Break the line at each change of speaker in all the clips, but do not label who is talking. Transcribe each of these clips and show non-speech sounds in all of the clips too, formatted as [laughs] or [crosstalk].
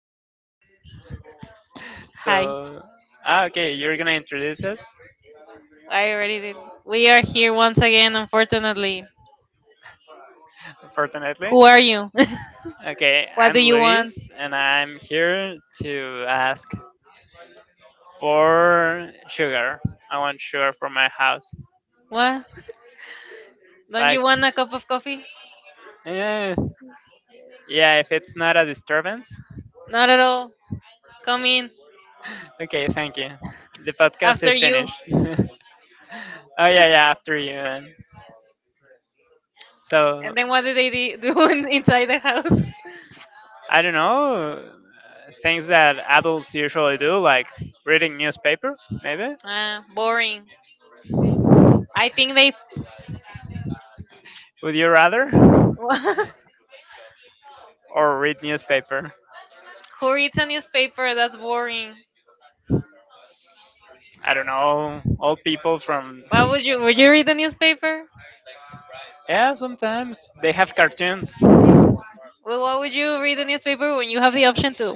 eres. [laughs] Hi,
So, okay, you're gonna introduce us,
I already did. We are here once again, unfortunately.
fortunately.
Who are you?
Okay,
[laughs] What do
I'm
you want?
Luis, and I'm here to ask for sugar. I want sugar for my house.
What? Don't
Like,
you want a cup of coffee?
yeah, yeah, if it's not a disturbance. [laughs]
Not at all. Come in
Okay, thank you. The podcast
after
is
you.
finished. [laughs] Oh, yeah, yeah, after you. So,
And then what do they do [laughs] do inside the house?
[laughs]
[laughs]
I don't know things that adults usually do, like reading newspaper. Maybe
Ah, boring. I think they.
would you rather
[laughs]
or read newspaper?
Who reads a newspaper? That's boring.
I don't know. Old people from
What would you? Would you read the newspaper?
yeah, sometimes they have cartoons. [laughs] Well,
Well, why would you read the newspaper when you have the option to?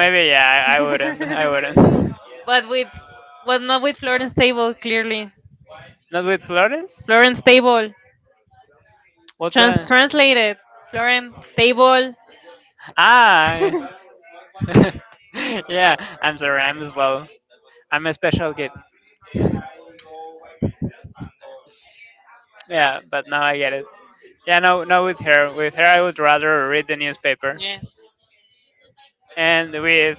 maybe yeah. I
Would.
wouldn't. I
[laughs]
wouldn't.
But with but not with Florence Table clearly.
Not with Flores.
Florence Table
What's
trans
that?
translated. Florence Table. [laughs] Yeah.
Ah. [laughs] Yeah. I'm sorry. I'm slow. I'm a special kid. Yeah, but now I get it. Yeah, no, no. With her, I would rather read the newspaper.
Yes.
And with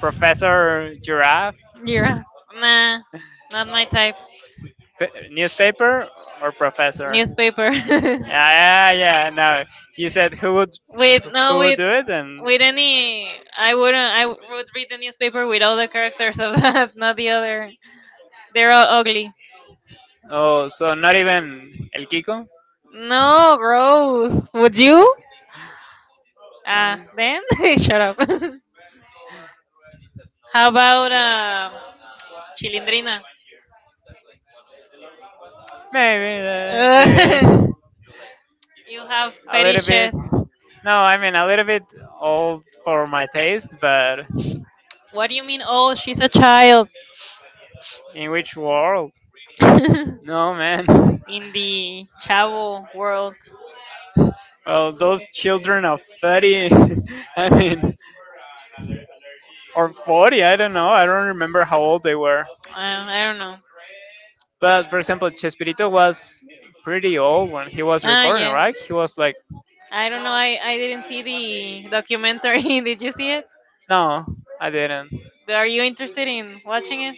Professor Giraffe,
Yeah. Nah, not my type.
[laughs] newspaper or professor?
Newspaper or professor? Newspaper. [laughs]
Yeah, yeah, yeah. No, you said
With no,
who would
with
do it, and
with any, I wouldn't I would read the newspaper with all the characters of that, [laughs] not the other. They're all ugly.
oh, so not even El Kiko.
No, gross. Would you? Ah,
No.
then [laughs] shut up. [laughs] How about Chilindrina?
Maybe,
Uh,
maybe
[laughs] you have
[laughs] a little bit.
fetishes.
No, I mean a little bit old for my taste, but
What do you mean? Oh, she's a child.
in which world?
[laughs] In
No, man. [laughs]
the Chavo world.
Oh, those children of 30, [laughs] I mean, or 40, I don't know. I don't remember how old they were.
I don't know.
But for example, Chespirito was pretty old when he was
Ah,
recording,
yeah.
right? He was like,
I don't know. I didn't see the documentary. [laughs] Did you see it?
no, I didn't.
Are you interested in watching it?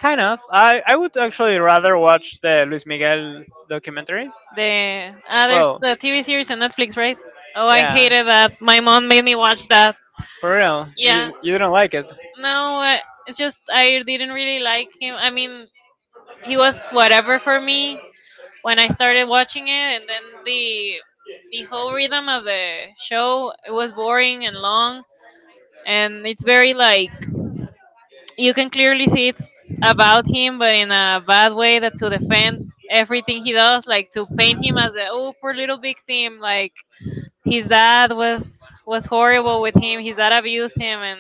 Kind of. I would actually rather watch the Luis Miguel documentary.
There's
Well,
the TV series on Netflix, right? Oh, I
yeah,
hated that. My mom made me watch that.
for real.
Yeah.
You don't like it.
No, it's just I didn't really like him. I mean, he was whatever for me. When I started watching it, and then the whole rhythm of the show it was boring and long, and it's very like you can clearly see it's about him, but in a bad way that to defend everything he does, like to paint him as a oh poor little victim, like his dad was horrible with him, his dad abused him, and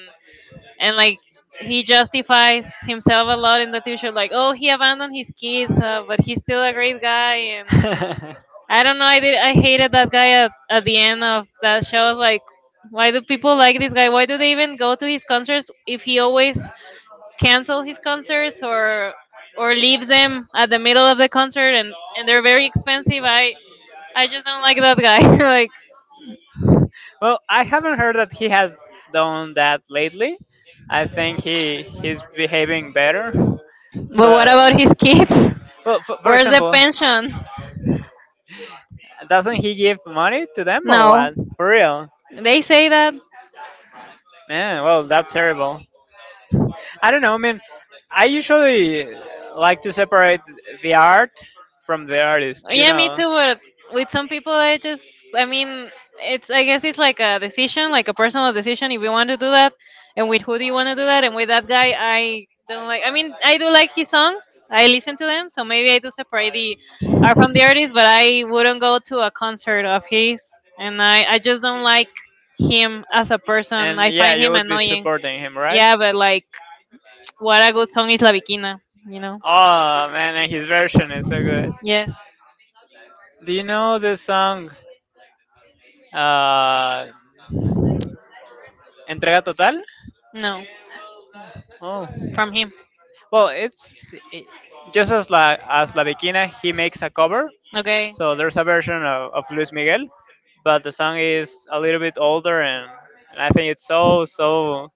and like he justifies himself a lot in the TV show, like oh he abandoned his kids, but he's still a great guy and
[laughs]
I don't know. I did. I hated that guy at the end of that show. I was like, why do people like this guy? Why do they even go to his concerts if he always cancels his concerts or leaves them at the middle of the concert and they're very expensive. I just don't like that guy. [laughs] like,
Well, I haven't heard that he has done that lately. I think he's behaving better.
but what about
But
his kids?
well, for
Where's the
example,
pension?
doesn't he give money to them or
No,
what? For real?
they say that.
Man, well, that's terrible. I don't know. I mean, I usually like to separate the art from the artist, you
Yeah, me
know.
too. But with some people, I just, I mean, it's, I guess it's like a decision, like a personal decision if you want to do that, and with who do you want to do that. And with that guy, I don't like, I mean, I do like his songs, I listen to them, so maybe I do separate the art from the artist, but I wouldn't go to a concert of his, and I just don't like him as a person.
And
I
yeah,
find
you
him
would be
annoying.
supporting him, right?
Yeah, but like, what a good song is La Bikina, you know?
Oh man, and his version is so good.
Yes.
Do you know the song? Uh, Entrega total?
No,
Oh.
from him.
Well, just as La Bikina, he makes a cover.
Okay.
So there's a version of Luis Miguel, but the song is a little bit older, and I think it's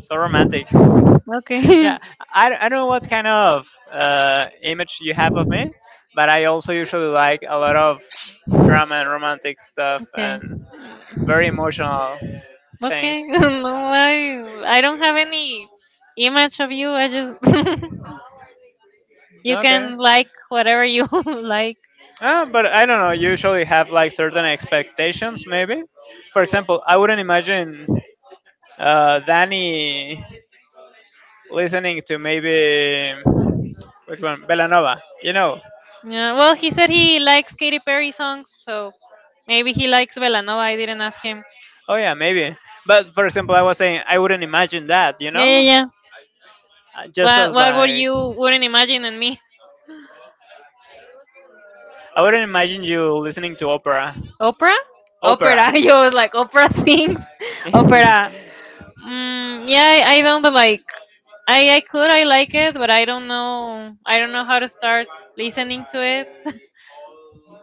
so romantic. [laughs]
Okay.
Yeah,
[laughs]
I don't know what kind of image you have of me, but I also usually like a lot of drama and romantic stuff
Okay.
and very emotional things.
Okay. [laughs] No, I don't have any image of you. I just [laughs] you
Okay.
can like whatever you [laughs] like.
Ah, but I don't know. You usually have like certain expectations, maybe. For example, I wouldn't imagine Danny listening to maybe which one, Belanova. You know?
Yeah, well, he said he likes Katy Perry songs, so maybe he likes Belanova. I didn't ask him.
Oh yeah, maybe. But for example, I was saying I wouldn't imagine that. You
Yeah, yeah,
know?
yeah.
Just
What
as
what would
like
you wouldn't imagine in me?
I wouldn't imagine you listening to opera.
Opera?
Opera.
Opera. [laughs] You was like opera sings. [laughs] Opera.
[laughs]
Mm, yeah, I don't, but like I could I like it, but I don't know how to start listening to it. [laughs]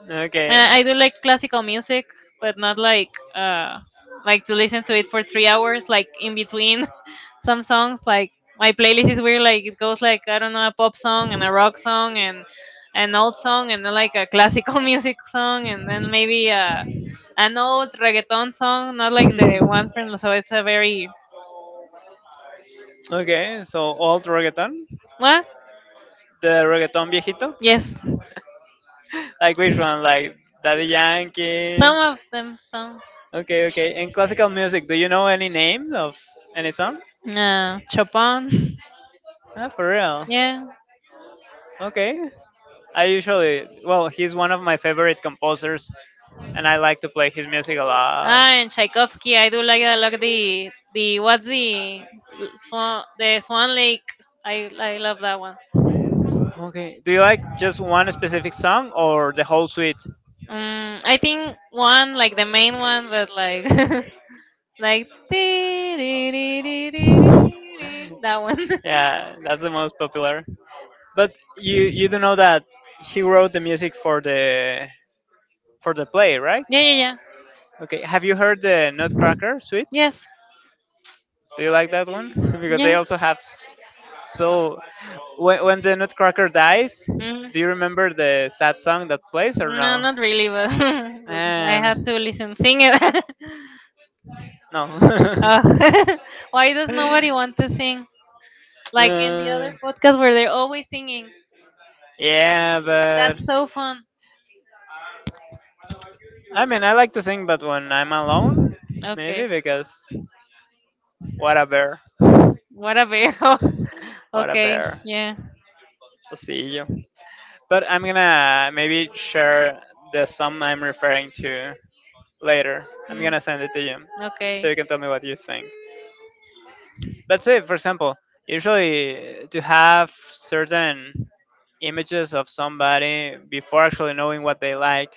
Okay.
I do like classical music, but not like uh like to listen to it for 3 hours. Like in between [laughs] some songs, like my playlist is weird. Like it goes like I don't know a pop song and a rock song and an old song and then like a classical [laughs] music song and then maybe
[laughs]
an old reggaeton song. Not like the one from
[laughs]
so it's a very
Singing. Okay, so old reggaeton,
what?
the reggaeton viejito,
Yes,
like which one, like Daddy Yankee.
some of them songs.
Okay, okay. And classical music, do you know any name of any song?
Chopin. [laughs]
Ah, for real.
Yeah.
Okay. I usually, well, he's one of my favorite composers, and I like to play his music a lot.
Ah, and Tchaikovsky, I do like a lot the what's the Swan Lake. I love that one.
Okay. Do you like just one specific song or the whole suite?
I think one like the main one, but like [laughs] like dee, dee, dee, dee, dee, dee, dee, that one. [laughs]
Yeah, that's the most popular. But you do know that he wrote the music for the play, right?
Yeah, yeah, yeah.
Okay. Have you heard the Nutcracker suite?
Yes,
Do you like that one? [laughs] Because they
yes.
also have so when the Nutcracker dies,
Mm.
do you remember the sad song that plays or
No,
no?
not really, but, [laughs] but I had
Man,
to listen sing it. [laughs]
no. [laughs]
Uh, [laughs] why does nobody want to sing? Like in the
Uh,
other podcast where they're always singing.
Yeah, but
That's so fun.
I mean, I like to sing, but when I'm alone,
Okay.
maybe because what a bear,
What a bear. [laughs]
what a
Okay.
bear.
Yeah.
I'll see you. But I'm gonna maybe share the song I'm referring to later. I'm
Mm.
gonna send it to you, so
Okay.
you can tell me what you think. But say, for example, usually to have certain images of somebody before actually knowing what they like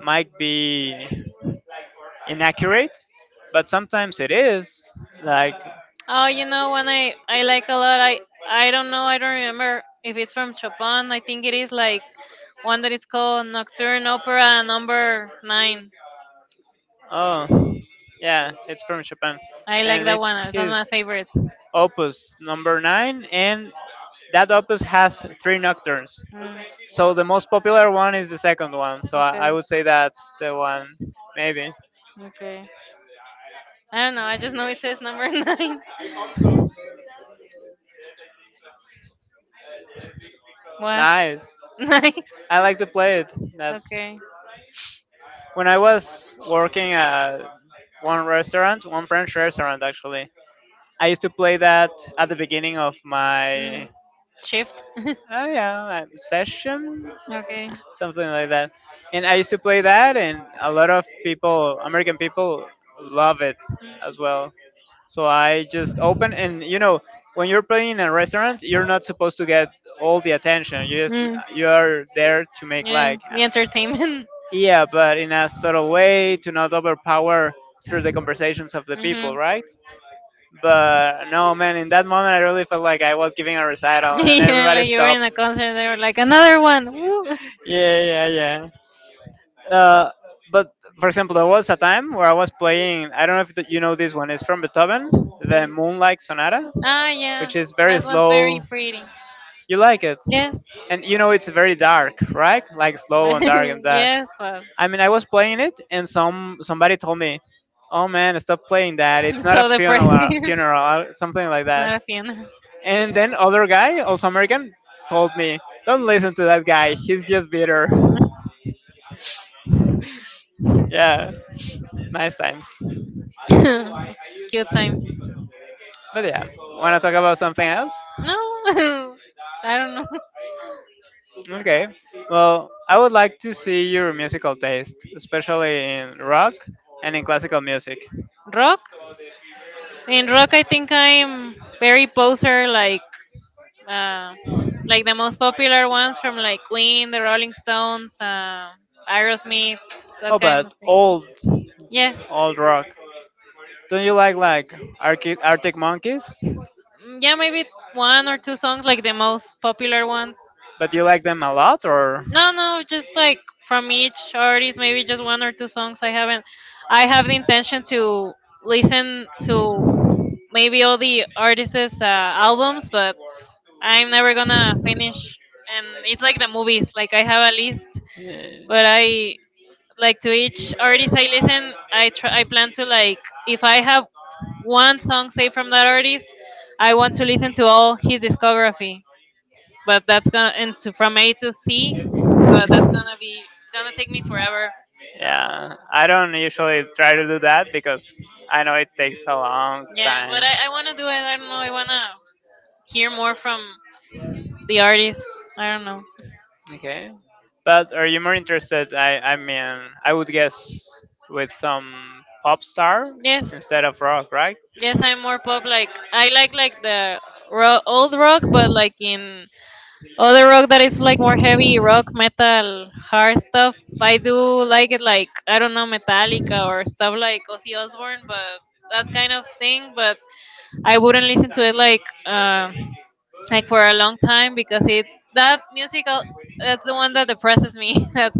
might be inaccurate, but sometimes it is. Like
Oh, you know one I like a lot. I don't know. I don't remember if it's from Chopin. I think it is like one that is called Nocturne Opera No. 9.
Oh, yeah, it's from Chopin,
I like
and
that
it's
one. That's
his
my favorite.
opus number nine, and that opus has three nocturnes.
Mm.
So the most popular one is the second one. So I
Okay.
would say that's the one, maybe.
Okay. I don't know. I just know it says number [laughs] nine. What?
Nice.
[laughs] Nice.
I like to play it. That's
Okay.
when I was working at one restaurant, one French restaurant actually. I used to play that at the beginning of my
Mm. Shift. [laughs]
yeah session
Okay.
something like that. And I used to play that, and a lot of people, American people, love it as well. So I just open, and you know, when you're playing in a restaurant, you're not supposed to get all the attention. You just
Mm.
you are there to
Mm.
make
Yeah,
like,
the entertainment. [laughs]
yeah, but in a subtle way to not overpower through the conversations of the
Hmm.
people,
[laughs]
right? But no, man, in that moment, I really felt like I was giving a recital, and
Yeah,
everybody
like you were
stopped.
in a
[laughs]
concert, they were like, another one. Woo. [laughs]
Yeah, yeah, yeah. Uh, but for example, there was a time where I was playing. I don't know if you know this one. It's from Beethoven, the
Mm.
Moonlight Sonata,
Ah, yeah,
which is very
that one's very
slow.
pretty.
You like it,
Yes,
and you know it's very dark, right? Like slow and dark and
[laughs]
that.
yes, well,
I mean, I was playing it, and somebody told me, "Oh man, stop playing that. It's
[laughs]
not a
so
funeral,
depressing. [laughs]
or something like that."
Not a fan.
And then other guy, also American, told me, "Don't listen to that guy. He's just bitter." [laughs] Yeah, nice times.
[laughs] Good times.
But yeah, want to talk about something else?
No, [laughs] I don't know.
Okay. Well, I would like to see your musical taste, especially in rock and in classical music.
[laughs] Rock? In rock, I think I'm very poser, uh, like the most popular ones from like Queen, the Rolling Stones, Aerosmith,
How
that kind of
about
thing. Yes.
old rock? Don't you like Arctic Monkeys?
Mm, yeah, maybe one or two songs, like the most popular ones.
But you like them a lot, or?
No, no, just like from each artist, maybe just one or two songs. I haven't. I have the intention to listen to maybe all the artists' albums, but I'm never gonna finish. And it's like the movies. Like I have a list
Eh,
but I like to each artist I listen. I try, I plan to like if I have one song saved from that artist, I want to listen to all his discography. But that's gonna and to, from A to C. But that's gonna be it's gonna take me forever.
Yeah, I don't usually try to do that because I know it takes a long
Yeah, but
time.
I wanna do it. I don't know. I wanna hear more from the artists. I don't know.
Okay. But are you more interested? I mean, I would guess with some pop star
Yes.
instead of rock, right?
Yes, I'm more pop. Like I like the old rock, but like in other rock that is like more heavy rock, metal, hard stuff. I do like it, like I don't know Metallica or stuff like Ozzy Osbourne, but that kind of thing. But I wouldn't listen to it like for a long time because it that musical that's the one that depresses me. [laughs] That's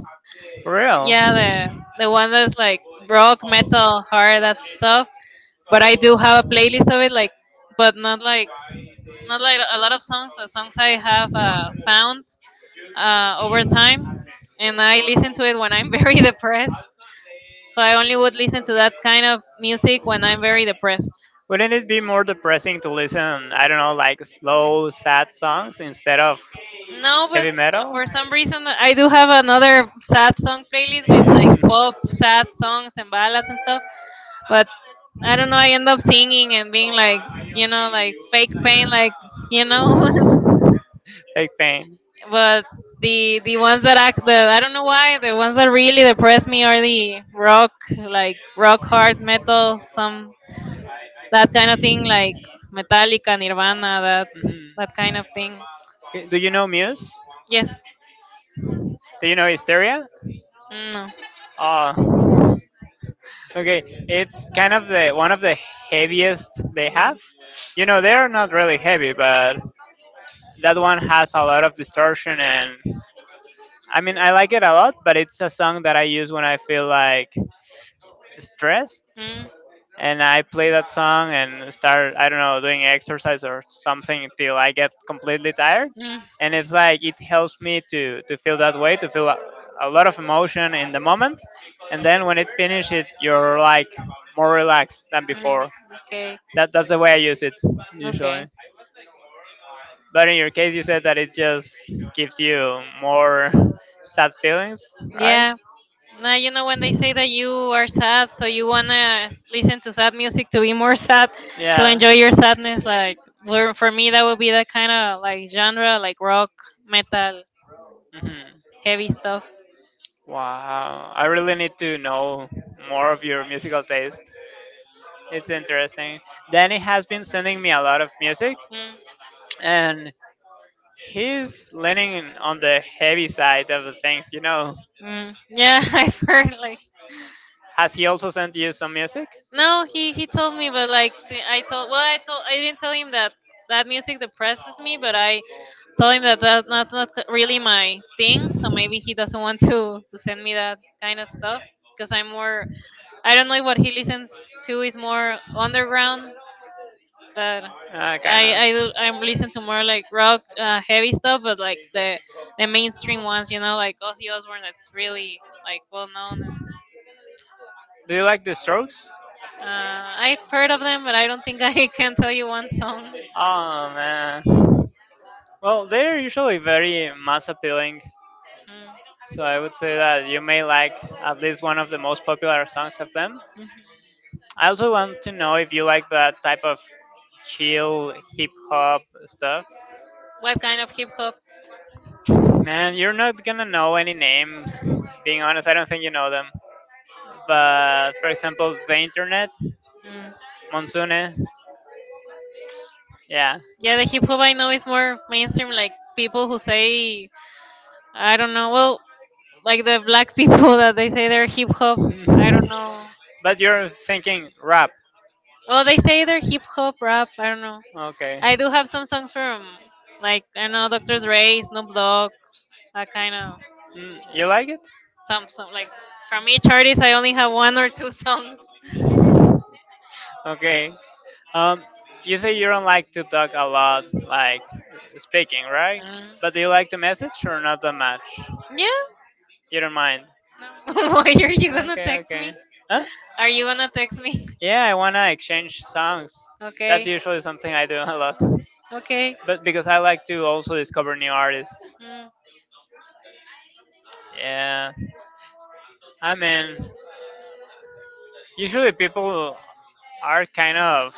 For real.
yeah the one that's like rock, metal, hard, that stuff but I do have a playlist of it, like, but not like a lot of songs. The songs I have found over time, and I listen to it when I'm [laughs] very depressed. So I only would listen to that kind of music when I'm very depressed.
Wouldn't it be more depressing to listen, I don't know, like slow, sad songs instead of
No, but
heavy metal?
for some reason I do have another sad song playlist with like
[laughs]
pop sad songs and ballads and stuff. But I don't know. I end up singing and being like, like fake pain, like you know. [laughs]
Big pain.
But the ones that act the I don't know why the ones that really depress me are the rock like rock hard metal some that kind of thing like Metallica Nirvana that
Mhm.
kind of thing.
Okay, do you know Muse?
Yes.
Do you know Hysteria?
No.
Oh, okay, it's kind of the one of the heaviest they
Mm. No.
have. You know, they are not really heavy, but that one has a lot of distortion and I mean, I like it a lot, but it's a song that I use when I feel like stressed and I play that song and start I don't know, doing exercise or something until I get completely tired.
Mm. Mm.
And it's like it helps me to feel that way, to feel a lot of emotion in the moment. And then when it finishes, you're like more relaxed than
Mm,
before.
okay.
That's the way I use it
Okay.
usually. But in your case, you said that it just gives you more sad feelings, right?
Yeah. Now you know when they say that you are sad, so you wanna listen to sad music to be more [laughs] sad, to
Yeah.
enjoy your sadness. Like for me, that would be that kind of like genre, like rock, metal,
Hmm.
heavy stuff.
Wow. I really need to know more of your musical taste. It's interesting. Danny has been sending me a lot of music,
Mm,
and he's leaning on the heavy side of the things. You know,
mm. Yeah, [laughs] I've heard like
has he also sent you some music?
no, he told me, but like see, I told well, I told I didn't tell him that that music depresses me, but I told him that that's not really my thing so maybe he doesn't want to send me that kind of stuff because I'm more I don't know what he listens to is more underground but
Kind of.
I'm
I
listen to more like rock heavy stuff but like the mainstream ones like Ozzy Osbourne that's really like well known.
Do you like the Strokes?
I've heard of them but I don't think I [laughs] can tell you one song.
Oh man. Well, they're usually very mass appealing,
Mm.
so I would say that you may like at least one of the most popular songs of them.
Mhm.
I also want to know if you like that type of chill hip hop stuff.
What kind of hip hop?
Man, you're not gonna know any names. Being honest, I don't think you know them. But for example, The Internet, Monsune, yeah.
Yeah, the hip hop I know is more mainstream, like people who say, I don't know, well, like the black people [laughs] that they say they're hip hop. I don't know.
[laughs] But you're thinking rap.
Well, they say they're hip hop rap. I don't know.
Okay.
I do have some songs from, like, I don't know Dr. Dre, Snoop Dogg, that kind of
Mm, you like it?
some like from each artist. I only have one or two [laughs] songs.
Okay. Um, you say you don't like to talk a lot, like speaking, right?
Uh,
But do you like to message or not that much?
yeah.
You don't mind.
No. [laughs] Why are you gonna
Okay,
text
okay.
me?
Huh?
Are you gonna text me? [laughs]
Yeah, I wanna exchange songs. That's
Okay.
usually something I do [laughs] a lot.
Okay.
But because I like to also discover new artists.
Mm.
Yeah. I mean, usually people are kind of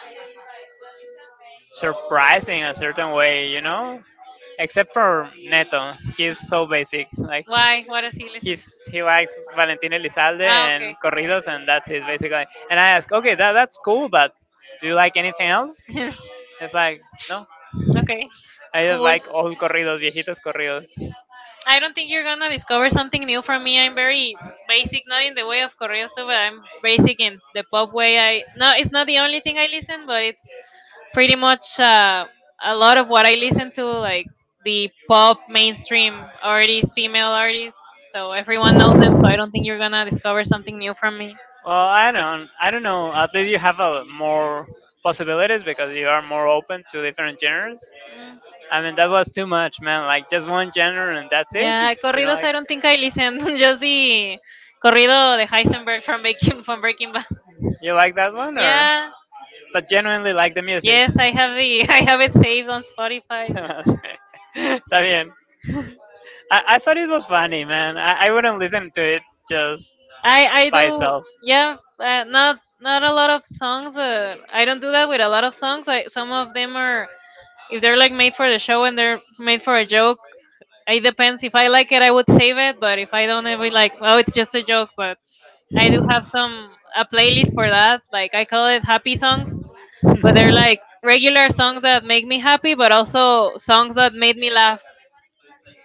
surprised in a certain way, you know? Except for Neto. He's so basic. Like
Why? What does he listen to?
he likes Valentin Elizalde
Ah,
and corridos and that's it basically. And I ask, okay, that's cool, but do you like anything else?
okay.
It's like no,
[laughs] okay.
I just
Cool.
like old corridos, viejitos corridos.
I don't think you're gonna discover something new from me. I'm very basic, not in the way of corridos, but I'm basic in the pop way. I No, it's not the only thing I listen, but it's pretty much a lot of what I listen to, like the pop mainstream artists, female artists. So everyone knows them. So I don't think you're gonna discover something new from me.
Well, I don't know. At least you have a more possibilities because you are more open to different genres.
Mm.
I mean, that was too much, man. Like just one genre and that's it.
Yeah,
You know,
corridos.
like
I don't think I listen. [laughs] Just the corrido de Heisenberg from Breaking Bad.
you like that one or?
Yeah.
But genuinely like the music.
Yes, I
[laughs]
have the [laughs] I have it saved on Spotify.
Está bien. I thought it was funny, man. I wouldn't listen to it just
I
by
do.
itself.
Yeah, not a lot of songs, but I don't do that with a lot of songs. I Some of them are if they're like made for the show and they're made for a joke. It depends. If I like it, I would save it. But if I don't, I would be like, oh, it's just a joke. But I do have some
[laughs]
a playlist for that. Like I call it happy songs, but they're like regular songs that make me happy, but also songs that made me laugh.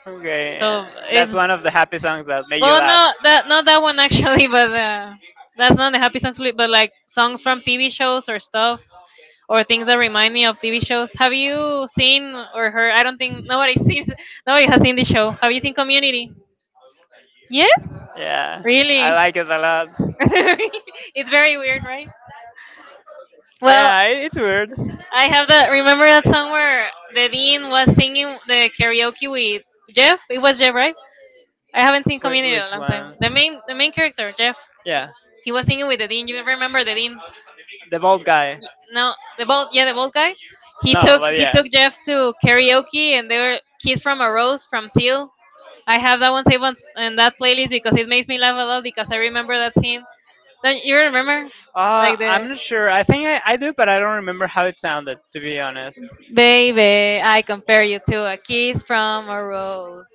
Okay,
So it's
that's one of the happy songs that made you
Well,
laugh.
no, that not that one actually, [laughs] but that's not the happy songs. But like songs from TV shows or stuff, or things that remind me of TV shows. Have you seen or heard? I don't think nobody sees. [laughs] Nobody has seen the show. Have you seen Community? Yes.
Yeah, I
Really?
like it a lot.
[laughs] It's very weird, right? Well,
Yeah, it's weird.
I have that. Remember that song where the dean was singing the karaoke with Jeff? It was Jeff, right? I haven't seen Community in a
Which
long time.
one?
The main character, Jeff.
Yeah,
He was singing with the dean. You remember the dean?
the bald guy.
Y- No, yeah, the bald guy. He
No,
took
but
he
yeah.
took Jeff to karaoke, and they were "Kiss from a Rose" from Seal. I have that one saved in that playlist because it makes me laugh a lot because I remember that scene. Don't you remember? Like
I'm
the
not sure. I think I do, but I don't remember how it sounded, to be honest.
baby, I compare you to a kiss from a rose.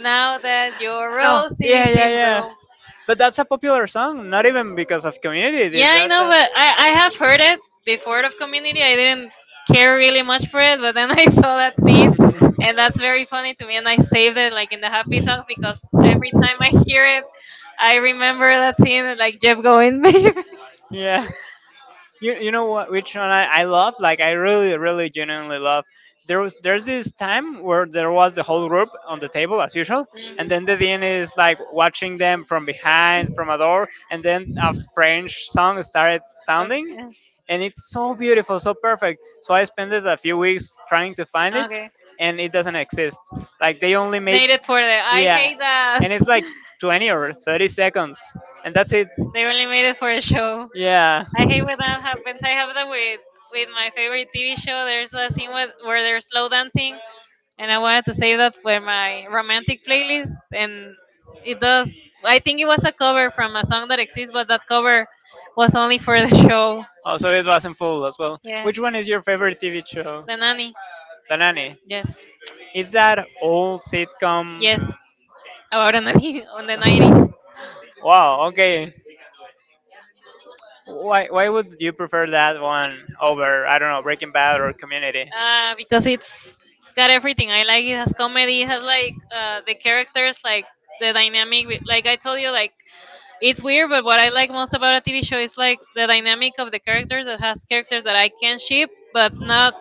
Now that your
No,
rose
yeah,
is
yeah,
in
yeah.
bloom.
But that's a popular song, not even because of community.
Yeah, I know,
That.
but I have heard it before of community. I didn't care really much for it, but then [laughs] I saw that scene, and that's very funny to me. And I saved it like in the happy songs because every time I hear it, I remember that scene, and, like Jeff going, [laughs] baby.
[laughs] Yeah. You know what, which one I love, like I really genuinely love, there was, there's this time where there was the whole group on the table as usual, and then the dean is like watching them from behind, from a door, and then a
Mm.
French song started
Okay.
sounding, and it's so beautiful, so perfect, so I spent a few weeks trying to find it,
Okay.
and it doesn't exist. Like they only made...
Made it for the. I
Yeah.
hate that.
And
[laughs]
it's like 20 or 30 seconds, and that's it.
They only made it for a show.
Yeah.
I hate when that happens. I have that with my favorite TV show. There's a scene where they're slow dancing, and I wanted to save that for my romantic playlist, and it does. I think it was a cover from a song that exists, but that cover was only for the [laughs] show.
Oh, so it wasn't full as well? Which
Yes,
one is your favorite TV show?
the nanny.
The Nanny.
Yes,
Is that old
yes,
sitcom?
about a nanny [laughs] on the 90s.
[laughs] Wow. Okay. Why would you prefer that one over, I don't know, Breaking Bad or Community?
Because it's got everything. I like it has comedy. It has like the characters, like the dynamic. Like I told you, like it's weird, but what I like most about a TV show is like the dynamic of the characters. That has characters that I can ship, but not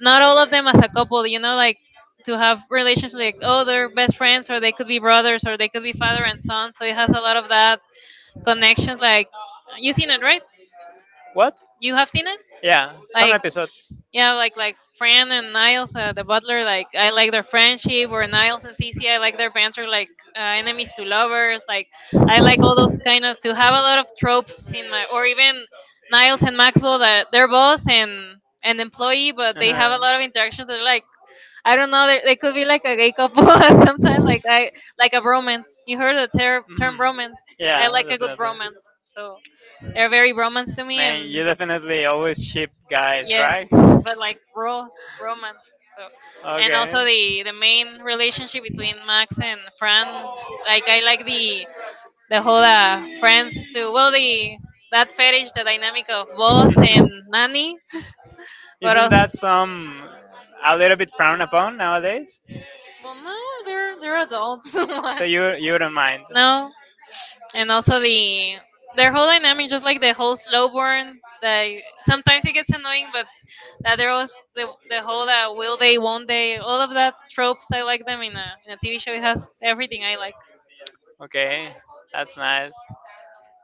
not all of them as a couple. You know, like to have relationships like oh they're best friends or they could be brothers or they could be father and son. So it has a lot of that connections. Like you seen it, right?
What?
You have seen it.
Yeah, some
Like,
episodes.
yeah, like Fran and Niles, the butler. Like I like their friendship, or Niles and Cece. I like their banter, like enemies to lovers. Like I like all those kind of to have a lot of tropes or even Niles and Maxwell that they're boss and an employee, but they have a lot of
Uh-huh.
interactions. They're like I don't know, they could be like a gay couple [laughs] sometimes. Like I like
Mhm.
a bromance. You heard the term bromance. I
Yeah,
like a good
definitely.
bromance, so they're very bromance to me,
Man, you
and,
definitely always ship guys,
yes,
right?
but like Rose romance. So, and
Okay.
also the main relationship between Max and Fran. Like I like the whole friends too. Well, the that fetish, the dynamic of boss and nanny.
[laughs]
But
Isn't
also,
that some, a little bit frowned upon nowadays? They're...
well, no, they're
[laughs]
adults. [laughs]
So
Why?
no. You don't mind?
No, and also their whole dynamic, just like the whole slow burn. That sometimes it gets annoying, but that there was the whole that will they, won't they, all of that tropes. I like them in a TV show. It has everything I like.
Okay, that's nice.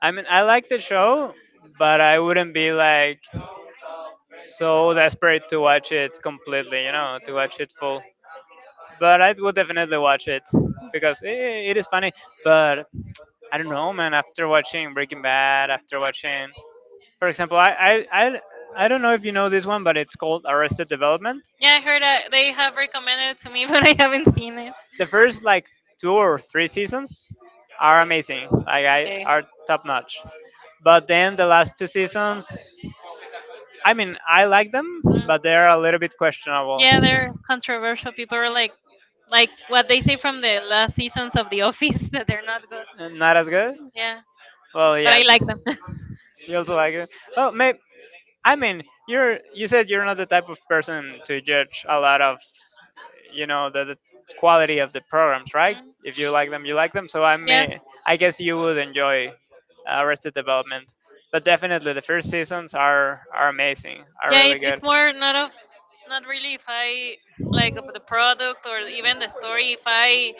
I mean, I like the show, but I wouldn't be like so desperate to watch it completely, you know, to watch it full. But I will definitely watch it because it is funny. But I don't know, man. After watching Breaking Bad, after watching, for example, I don't know if you know this one, but it's called Arrested Development.
Yeah, I heard that they have recommended it to me, [laughs] but I haven't seen it.
The first like two or three seasons are amazing. Like I
Okay.
are top notch. But then the last two seasons, I mean, I like them,
Mm.
but they're a little bit questionable.
Yeah, they're controversial. People are like, what they say from the last seasons of The Office [laughs] that they're not good.
Not as good.
Yeah,
Well,
but
yeah.
I like them. [laughs]
You also like it. Well, may- I mean, you said you're not the type of person to judge a lot of, you know, the quality of the programs, right?
Mm.
If you like them, you like them. So I may...
Yes.
I guess you would enjoy Arrested Development, but definitely the first seasons are amazing, are
Yeah, it,
really
it's
good.
more not of not really if I like of the product or even the story. If I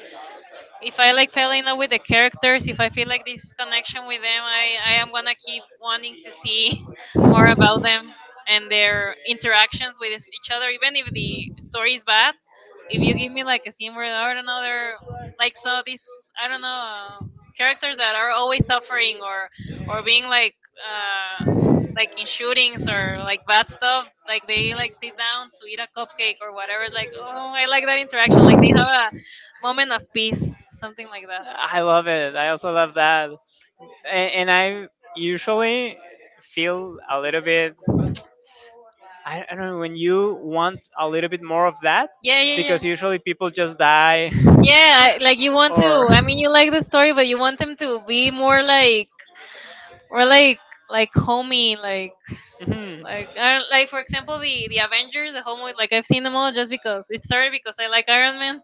if I like fell in love with the characters, if I feel like this connection with them, I am gonna keep wanting to see [laughs] more about them and their interactions with each other, even if the story is bad. If you give me like a scene where I don't know, they're like so these I don't know characters that are always suffering or being like in shootings or like bad stuff, like they like sit down to eat a cupcake or whatever. Like oh, I like that interaction. Like they have moment of peace, something like that.
I love it. I also love that, and I usually feel a little bit... I don't know, when you want a little bit more of that...
Yeah, yeah,
Yeah.
yeah,
Usually people just die. Yeah, [laughs] [laughs]
yeah. Like you want to. I mean, you
you
like
like
the story, but you want them to be more like, like, homey, like, I don't, like for example, the Avengers, the whole Like I've seen them all just because it started because I like Iron Man,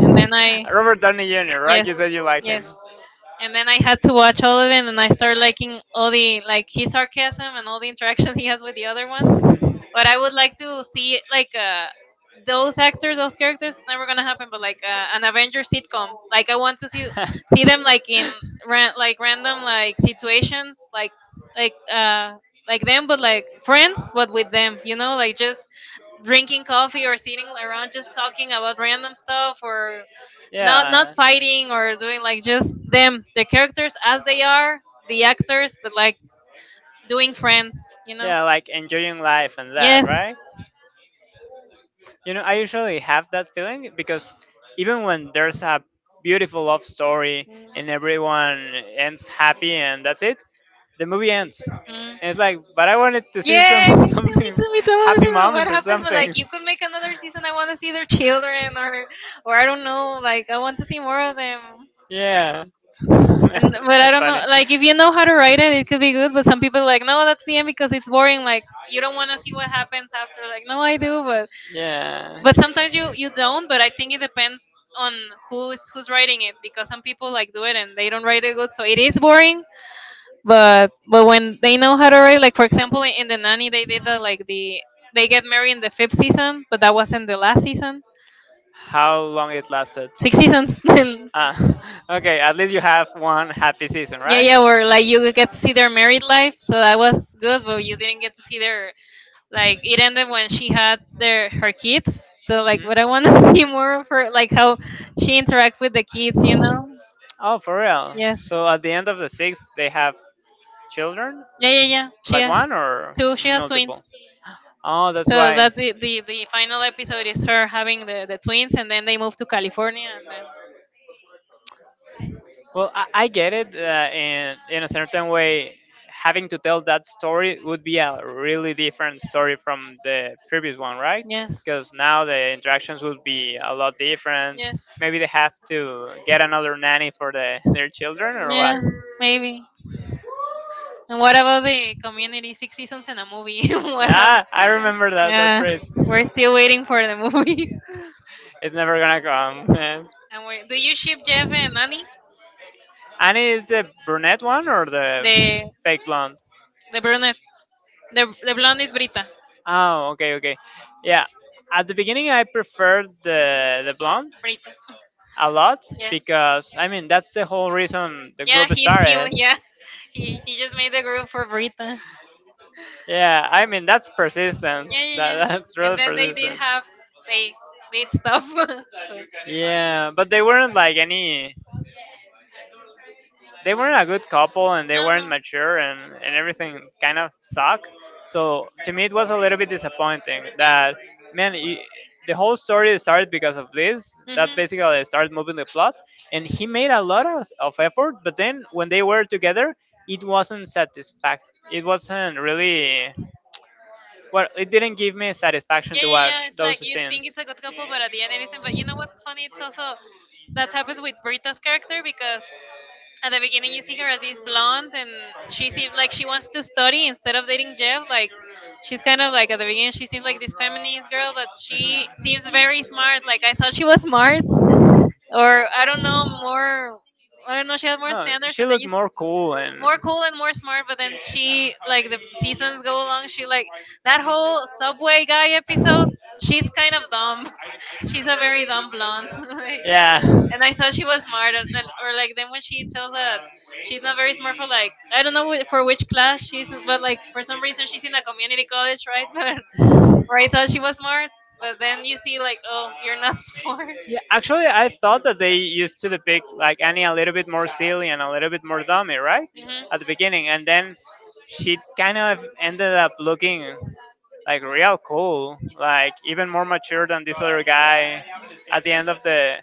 and then I,
Robert Downey Jr.
yes, yes, and then I had to watch all of it, and I started liking all the like his sarcasm and all the interaction [laughs] he has with the other ones. But I would like to see like those actors, those characters. It's never gonna happen, but
to...
like an Avengers sitcom. Like I want to
Like
see them like
[laughs]
in like random like situations, like uh like them, but like friends, but with them. You know, like just drinking coffee or sitting around just talking about random stuff or not
not-
fighting or doing
doing
like just them the characters as they are the actors but like doing friends
like, enjoying life and,
yes.
you know, I usually have that feeling because even when there's a beautiful love story and everyone ends happy and that's it, the movie ends
Mm.
and it's like, but I wanted to see
Yeah,
some
me
[laughs]
too, me
something,
too, me too. I wanna
happy
see what
moments or
happens when like
something.
you could make another season? I want to see their children, or I don't know. Like I want to see more of them.
Yeah. [laughs]
And but I
That's
don't know.
funny.
Like if you know how to write it, it could be good. But some people like no, that's the end because it's boring. Like you don't want to see what happens after. Like no, I do, but
Yeah,
but sometimes you don't. But I think it depends on who's writing it, because some people like do it and they don't write it good, so it is boring. But when they know how to write, like for example in the nanny, they did that, like they get married in the fifth season, but that wasn't the last season.
how long it lasted?
Six seasons. [laughs] Then
Ah, [laughs] okay. At least you have one happy season,
yeah,
right?
yeah, where like you get to see their married life, so that was good, but you didn't get to see their, like it ended when she had their her kids, so like, but I
Mhm.
want to [laughs] see more of her, like how she interacts with the kids, you know.
Oh, for real.
Yes.
So at the end of the six, they have children,
Yeah, yeah, yeah. She
like
has
one or
two. She has
multiple.
twins.
Oh, that's
So
why.
that's the final episode is her having the twins, and then they move to California, and then
Well, I get it in a certain way. Having to tell that story would be a really different story from the previous one, right?
yes,
Because now the interactions would be a lot different.
yes,
Maybe they have to get another nanny for the their children, or what?
yes, maybe. And what about the community? Six seasons and a movie. [laughs] What happened?
Ah, I remember that
Yeah,
phrase.
we're still waiting for the movie. [laughs]
It's never gonna come. [laughs]
And wait, do you ship Jeff and Annie?
Yeah. Annie is the brunette one, or the
The
fake blonde?
the brunette. The blonde is Brita.
Oh, okay, okay. Yeah. At the beginning, I preferred the blonde
Brita.
a lot,
Yes.
because I mean that's the whole reason the
Yeah,
group started.
yeah. [laughs] He just made the group for Brita.
Yeah, I mean that's persistence.
Yeah, yeah,
That
yeah.
that's real
And then
persistence.
they did stuff. [laughs]
Yeah, but they weren't like any... They weren't a good couple, and they
No,
weren't
no.
mature, and everything kind of sucked. So to me, it was a little bit disappointing
Yeah.
that, man, y- the whole story started because of this. That
Mhm.
basically started moving the plot. And he made a lot of effort, but then when they were together, it wasn't satisfactory. It wasn't really... Well, it didn't give me satisfaction
Yeah,
to
yeah, yeah.
watch
It's
those
like you think
scenes.
it's a good couple, but at the end it isn't. But you know what's funny? It's also that happens with Britta's character because at the beginning you see her as this blonde, and she seems like she wants to study instead of dating Jeff. Like she's kind of like at the beginning she seems like this feminist girl, but she seems very smart. Like I thought she was smart,
Mhm.
or I don't know more. I don't know. She had more
No,
standards,
she
and then
looked
you
you... more cool and...
more cool and more smart, but then she like the seasons go along she like that whole subway guy episode she's kind of dumb [laughs] she's a very dumb blonde [laughs] like,
Yeah. [laughs]
and I thought she was smart and or like then when she tells that she's not very smart for like I don't know for which class she's, but like for some reason she's in a community college, right? [laughs] But where I thought she was smart, but then you see like oh you're not [laughs] smart
Yeah, actually, I thought that they used to depict like Annie a little bit more silly and a little bit more dummy, right?
hmm.
At the beginning, and then she kind of ended up looking like real cool, like even more mature than this other guy at the end of the...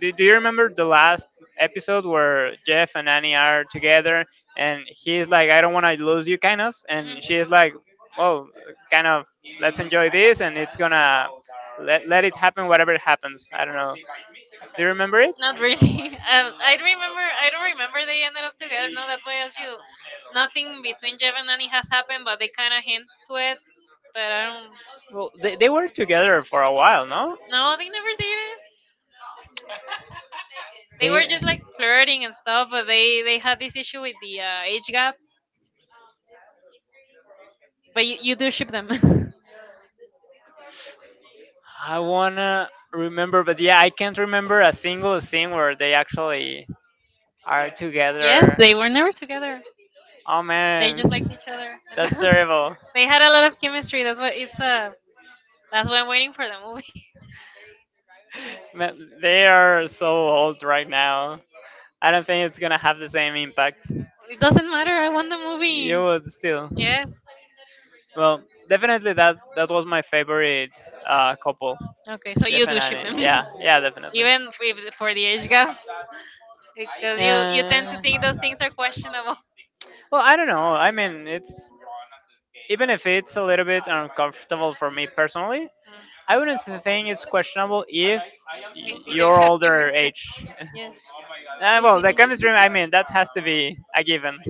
do you remember the last episode where Jeff and Annie are together, and he's like, I don't want to lose you, kind of? And
Mhm.
she's like, well, kind of, let's enjoy this, and it's gonna... let it happen, whatever it happens. I don't know. Do you remember it?
Not really. [laughs] I remember. I don't remember they ended up together. No, that way as you. Nothing between Jeff and Annie has happened, but they kind of hint to it. But I don't.
Well, they were together for a while, no?
No, they never did it. They were just
They...
like flirting and stuff, but they had this issue with the age gap. But you do ship them.
I wanna remember, but yeah, I can't remember a single scene where they actually are
[laughs] Yes,
together.
they were never together.
Oh
They
man,
just liked each other. [laughs]
that's
And
terrible.
they had a lot of chemistry. That's what it's That's why I'm waiting for the movie. [laughs]
Man, they are so old right now. I don't think it's gonna have the same impact.
It doesn't matter. I want the movie.
You would still...
Yes.
Well, definitely that that was my favorite couple.
Okay, so you do ship them,
Definitely, yeah, yeah,
[laughs]
definitely.
even if for the age gap, because you tend to
Uh,
think those things are questionable.
well, I don't know. I mean, it's... even if it's a little bit uncomfortable for me personally,
[laughs]
I wouldn't s- think it's
Mm.
questionable if y-
We didn't
you're
have [laughs]
older
chemistry.
age. [laughs]
Yes, we
Well, the
finished.
chemistry, I mean, that has to be a given.